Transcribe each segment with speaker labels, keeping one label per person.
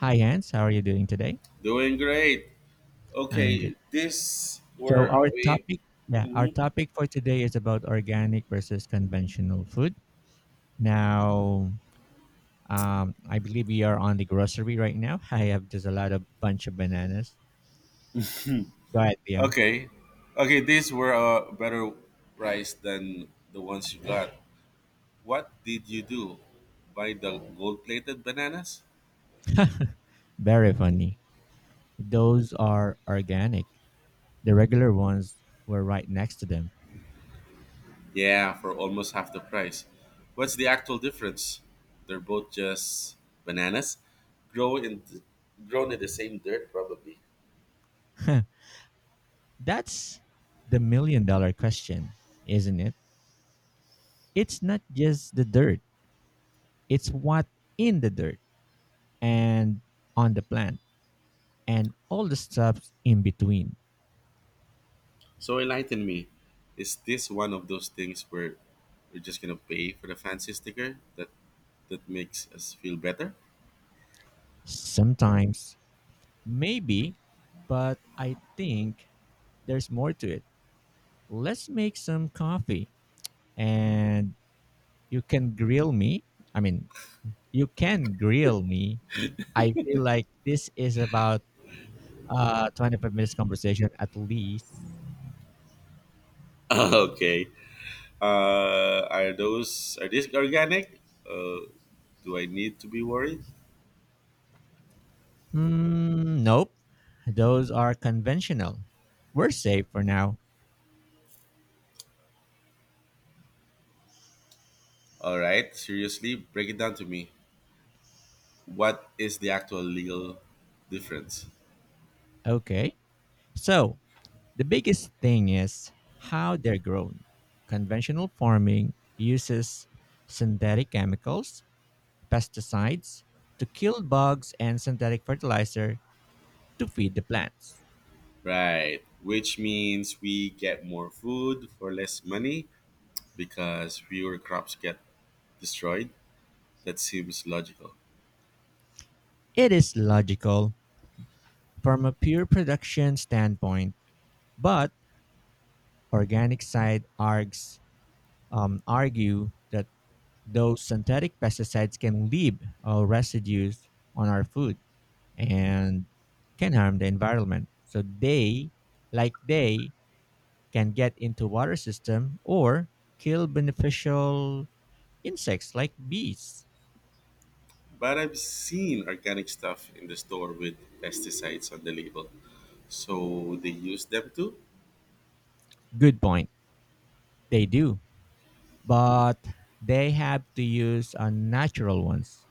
Speaker 1: Hi, Hans. How are you doing today?
Speaker 2: Doing great.
Speaker 1: I'm good.
Speaker 2: Okay, these
Speaker 1: So
Speaker 2: were a
Speaker 1: our
Speaker 2: way.
Speaker 1: topic, yeah, our
Speaker 2: Mhm.
Speaker 1: topic for today is about organic versus conventional food. Now, I believe we are on the grocery right now. I have just a lot of bunch of bananas. Go ahead, Liam.
Speaker 2: Okay, okay, these were a better price than the ones you got. What did you do? Buy the gold-plated bananas?
Speaker 1: Very funny. Those are organic. The regular ones were right next to them.
Speaker 2: Yeah, for almost half the price. What's the actual difference? They're both just bananas, grow in grown in the same dirt, probably.
Speaker 1: That's the million dollar question, isn't it? It's not just the dirt. It's what in the dirt and on the plant and all the stuff in between.
Speaker 2: So enlighten me. Is this one of those things where we're just gonna pay for the fancy sticker that makes us feel better?
Speaker 1: Sometimes, maybe, but I think there's more to it. Let's make some coffee and you can grill me. I mean, you can grill me. I feel like this is about 25 minutes conversation at least.
Speaker 2: Okay. Are those are these organic? Uh, do I need to be worried?
Speaker 1: Hmm, nope. Those are conventional. We're safe for now.
Speaker 2: All right. Seriously, break it down to me. What is the actual legal difference?
Speaker 1: Okay. So, the biggest thing is how they're grown. Conventional farming uses synthetic chemicals, pesticides, to kill bugs, and synthetic fertilizer to feed the plants.
Speaker 2: Right. Which means we get more food for less money because fewer crops get destroyed. That seems logical.
Speaker 1: It is logical from a pure production standpoint, but organic side args argue that those synthetic pesticides can leave residues on our food, and can harm the environment. So they can get into water system or kill beneficial insects like bees.
Speaker 2: But I've seen organic stuff in the store with pesticides on the label. So they use them too?
Speaker 1: Good point. They do, but they have to use unnatural ones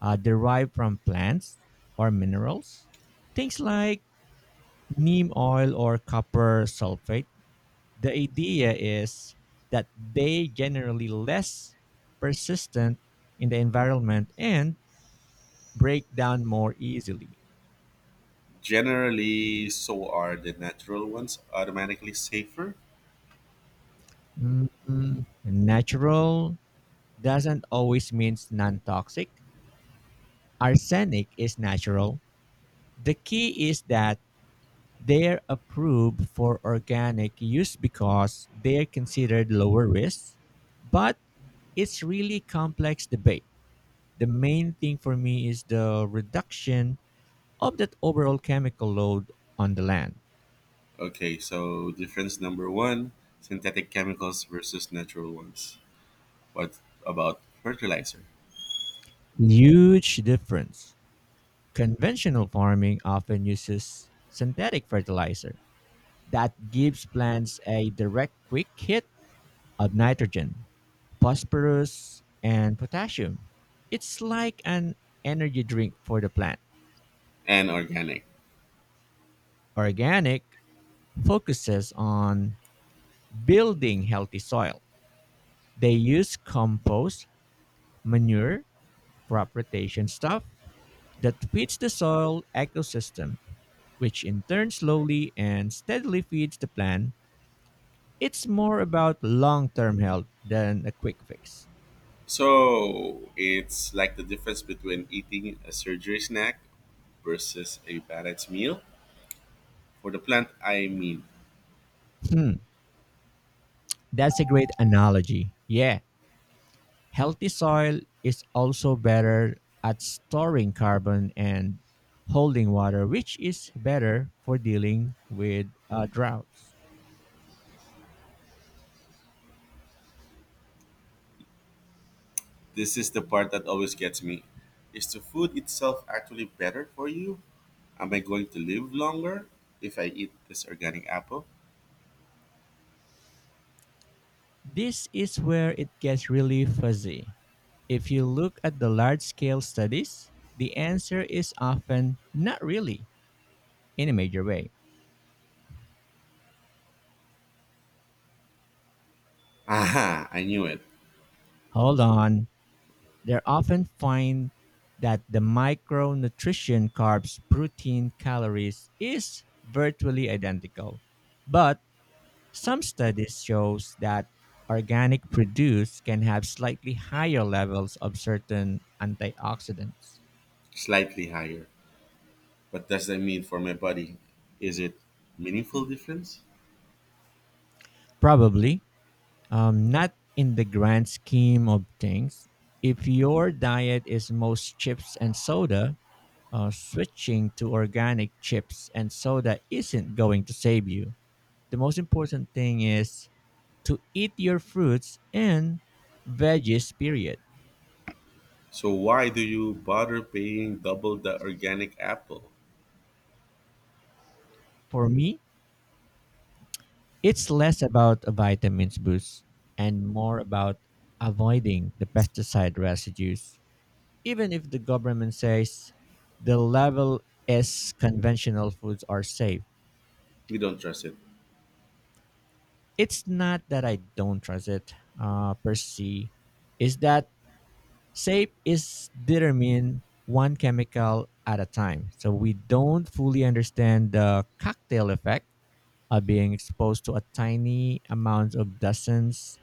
Speaker 1: derived from plants or minerals. Things like neem oil or copper sulfate. The idea is that they generally less persistent in the environment and break down more easily.
Speaker 2: Generally, so are the natural ones automatically safer?
Speaker 1: Mm, natural doesn't always means non-toxic. Arsenic is natural. The key is that they're approved for organic use because they're considered lower risk, but it's really complex debate. The main thing for me is the reduction of that overall chemical load on the land.
Speaker 2: Okay, so difference number one, synthetic chemicals versus natural ones. What about fertilizer
Speaker 1: Huge difference. Conventional farming often uses synthetic fertilizer that gives plants a direct quick hit of nitrogen, phosphorus, and potassium. It's like an energy drink for the plant.
Speaker 2: and organic?
Speaker 1: Organic focuses on building healthy soil. They use compost, manure, crop rotation stuff that fits the soil ecosystem which in turn slowly and steadily feeds the plant. It's more about long term health than a quick fix.
Speaker 2: So it's like the difference between eating a surgery snack versus a balanced meal. For the plant, I mean.
Speaker 1: Hmm, that's a great analogy. Yeah, healthy soil is also better at storing carbon and holding water, which is better for dealing with droughts.
Speaker 2: This is the part that always gets me. Is the food itself actually better for you? Am I going to live longer if I eat this organic apple?
Speaker 1: This is where it gets really fuzzy. If you look at the large scale studies, the answer is often not really in a major way.
Speaker 2: Aha, I knew it.
Speaker 1: Hold on. They often find that the micronutrition carbs protein calories is virtually identical. But some studies shows that organic produce can have slightly higher levels of certain antioxidants.
Speaker 2: Slightly higher. What does that mean for my body? Is it meaningful difference?
Speaker 1: Probably, not in the grand scheme of things. If your diet is most chips and soda, switching to organic chips and soda isn't going to save you. The most important thing is to eat your fruits and veggies, period.
Speaker 2: So why do you bother paying double the organic apple?
Speaker 1: For me, it's less about a vitamins boost and more about avoiding the pesticide residues. Even if the government says the level S conventional foods are safe,
Speaker 2: We don't trust it.
Speaker 1: it's not that I don't trust it per se. Is that shape is determined one chemical at a time. So we don't fully understand the cocktail effect of being exposed to a tiny amount of dozens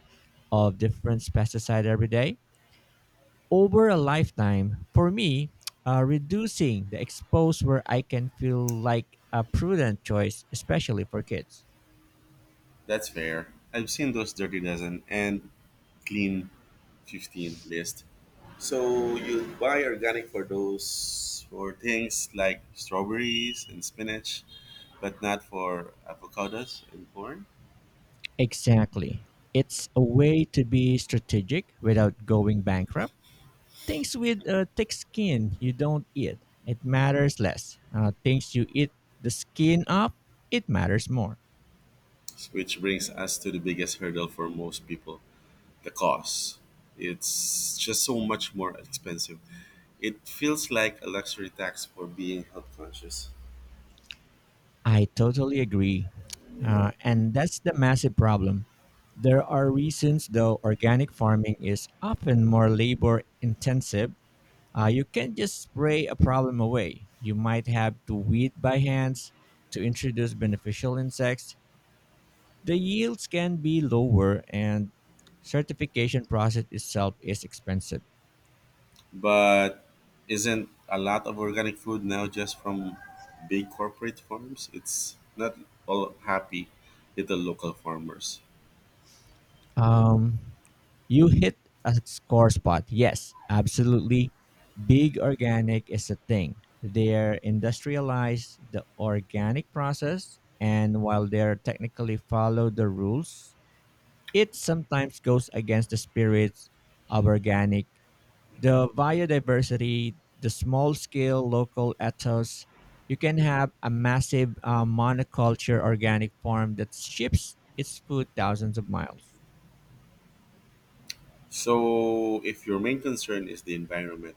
Speaker 1: of different pesticide every day. Over a lifetime, for me, reducing the expose where I can feel like a prudent choice, especially for kids.
Speaker 2: That's fair. I've seen those dirty dozen and clean 15 list. So you buy organic for those for things like strawberries and spinach, but not for avocados and corn,
Speaker 1: Exactly. It's a way to be strategic without going bankrupt. Things with thick skin you don't eat, it matters less. Things you eat the skin of, it matters more.
Speaker 2: which brings us to the biggest hurdle for most people, the cost. It's just so much more expensive. It feels like a luxury tax for being health conscious.
Speaker 1: I totally agree. And that's the massive problem. There are reasons, though, organic farming is often more labor intensive. You can't just spray a problem away. You might have to weed by hands to introduce beneficial insects. The yields can be lower, and certification process itself is expensive.
Speaker 2: But isn't a lot of organic food now just from big corporate farms? It's not all happy little local farmers.
Speaker 1: Um, you hit a score spot. Yes, absolutely. Big organic is a thing. They're industrialized the organic process, and while they're technically follow the rules, it sometimes goes against the spirits of organic. The biodiversity, the small scale local ethos, you can have a massive monoculture organic farm that ships its food thousands of miles.
Speaker 2: So, if your main concern is the environment,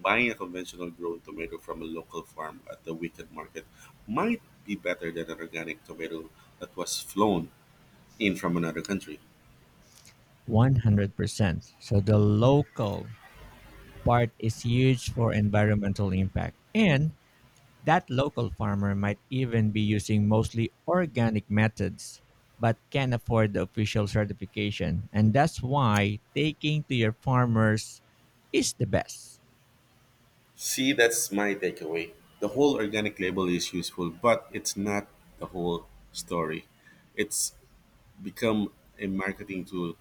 Speaker 2: buying a conventional grown tomato from a local farm at the weekend market might be better than an organic tomato that was flown in from another country.
Speaker 1: 100%. So the local part is huge for environmental impact. And that local farmer might even be using mostly organic methods but can't afford the official certification. And that's why taking to your farmers is the best.
Speaker 2: See, that's my takeaway. The whole organic label is useful, but it's not the whole story. It's become a marketing tool.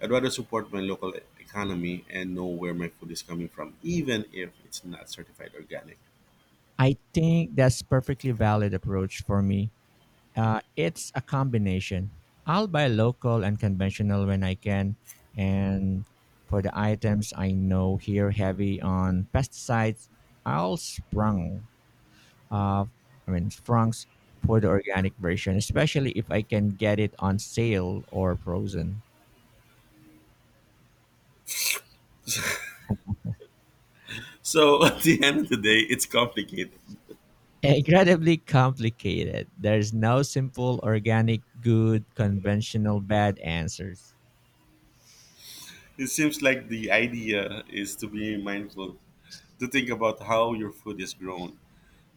Speaker 2: I'd rather support my local economy and know where my food is coming from, even if it's not certified organic.
Speaker 1: I think that's perfectly valid approach for me. It's a combination. I'll buy local and conventional when I can, and for the items I know here heavy on pesticides, I'll sprung. Uh, I mean, sprungs for the organic version, especially if I can get it on sale or frozen.
Speaker 2: So at the end of the day, it's complicated.
Speaker 1: Incredibly complicated. There's no simple organic good, conventional bad answers.
Speaker 2: It seems like the idea is to be mindful, to think about how your food is grown,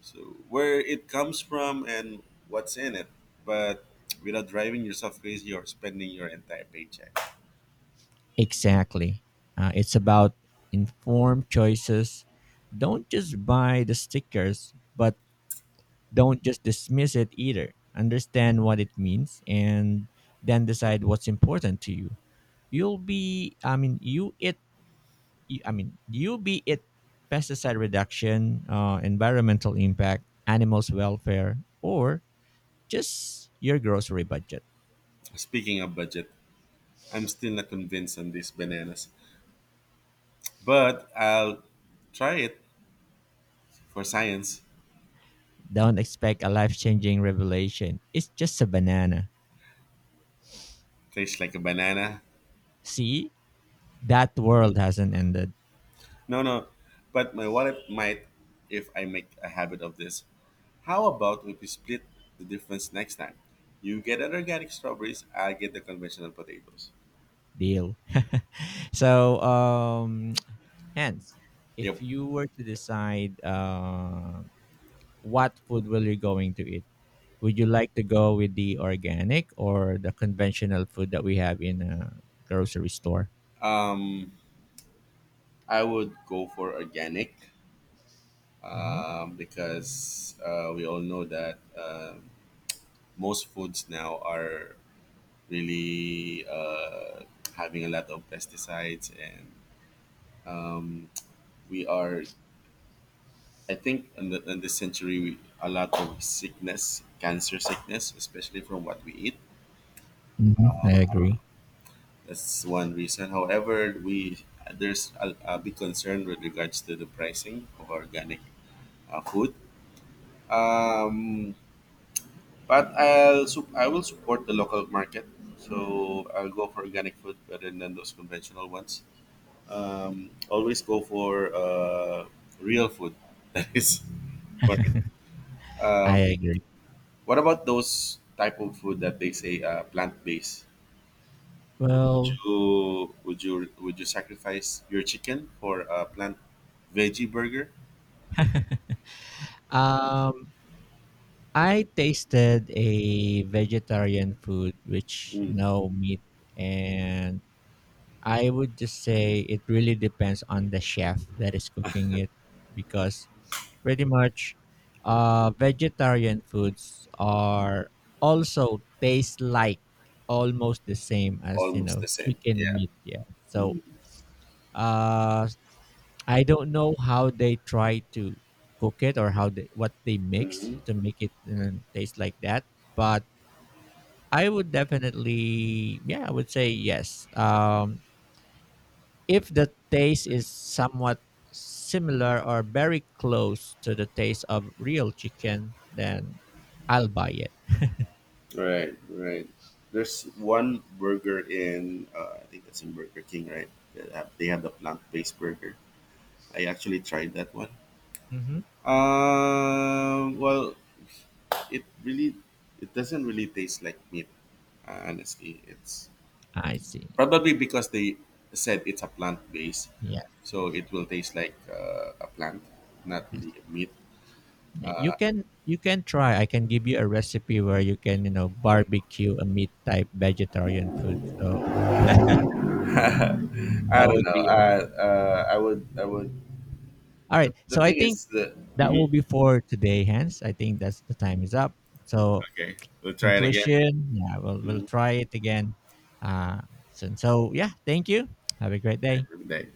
Speaker 2: so where it comes from and what's in it, but without driving yourself crazy or spending your entire paycheck.
Speaker 1: Exactly. It's about informed choices. Don't just buy the stickers, but don't just dismiss it either. Understand what it means and then decide what's important to you. You'll be, I mean, you it, I mean, you be it pesticide reduction, environmental impact, animals' welfare, or just your grocery budget.
Speaker 2: Speaking of budget, I'm still not convinced on these bananas, but I'll try it for science.
Speaker 1: Don't expect a life changing revelation. It's just a banana.
Speaker 2: Tastes like a banana.
Speaker 1: See? That world hasn't ended.
Speaker 2: No, no, but my wallet might if I make a habit of this. How about if we split the difference next time? You get an organic strawberries, I'll get the conventional potatoes.
Speaker 1: Deal. So hence, if
Speaker 2: Yep.
Speaker 1: you were to decide what food will you going to eat, would you like to go with the organic or the conventional food that we have in a grocery store?
Speaker 2: Um, I would go for organic,
Speaker 1: Hmm.
Speaker 2: because we all know that, most foods now are really having a lot of pesticides, and Um, we are, I think, in this century, a lot of sickness, cancer sickness, especially from what we eat.
Speaker 1: Hmm, I agree.
Speaker 2: That's one reason. However, we there's a big concern with regards to the pricing of organic food. Um, but I will support the local market, so I'll go for organic food rather than those conventional ones. Always go for real food that is for me.
Speaker 1: I agree.
Speaker 2: What about those type of food that they say plant based? Would
Speaker 1: Well,
Speaker 2: you would you would you sacrifice your chicken for a plant veggie burger?
Speaker 1: um I tasted a vegetarian food which
Speaker 2: Mm,
Speaker 1: no meat, and I would just say it really depends on the chef that is cooking it because pretty much vegetarian foods are also taste like almost the same as you
Speaker 2: almost
Speaker 1: know
Speaker 2: the same.
Speaker 1: chicken
Speaker 2: Yeah.
Speaker 1: meat, yeah. So uh I don't know how they try to cook it or how they what they mix
Speaker 2: Hmm.
Speaker 1: to make it taste like that. But I would definitely, yeah, I would say yes. If the taste is somewhat similar or very close to the taste of real chicken, then I'll buy it.
Speaker 2: Right. Right. There's one burger in I think that's in Burger King, right? They have the plant based burger. I actually tried that one.
Speaker 1: Hmm.
Speaker 2: Well, it really it doesn't really taste like meat. Honestly, it's
Speaker 1: I see.
Speaker 2: probably because they said it's a plant based,
Speaker 1: Yes,
Speaker 2: so it will taste like a plant, not
Speaker 1: yes.
Speaker 2: really a meat.
Speaker 1: You can try. I can give you a recipe where you can you know barbecue a meat type vegetarian food. So that
Speaker 2: I don't
Speaker 1: would
Speaker 2: know.
Speaker 1: be
Speaker 2: I would.
Speaker 1: all
Speaker 2: The,
Speaker 1: right.
Speaker 2: the
Speaker 1: So I
Speaker 2: thing
Speaker 1: think
Speaker 2: is the.
Speaker 1: that will
Speaker 2: Mhm.
Speaker 1: be for today, Hans. I think that's the time is up. So
Speaker 2: Okay, we'll try it again.
Speaker 1: conclusion. Yeah, we'll
Speaker 2: Mhm.
Speaker 1: try it again uh, soon. So yeah, thank you. Have a great day.
Speaker 2: Every day.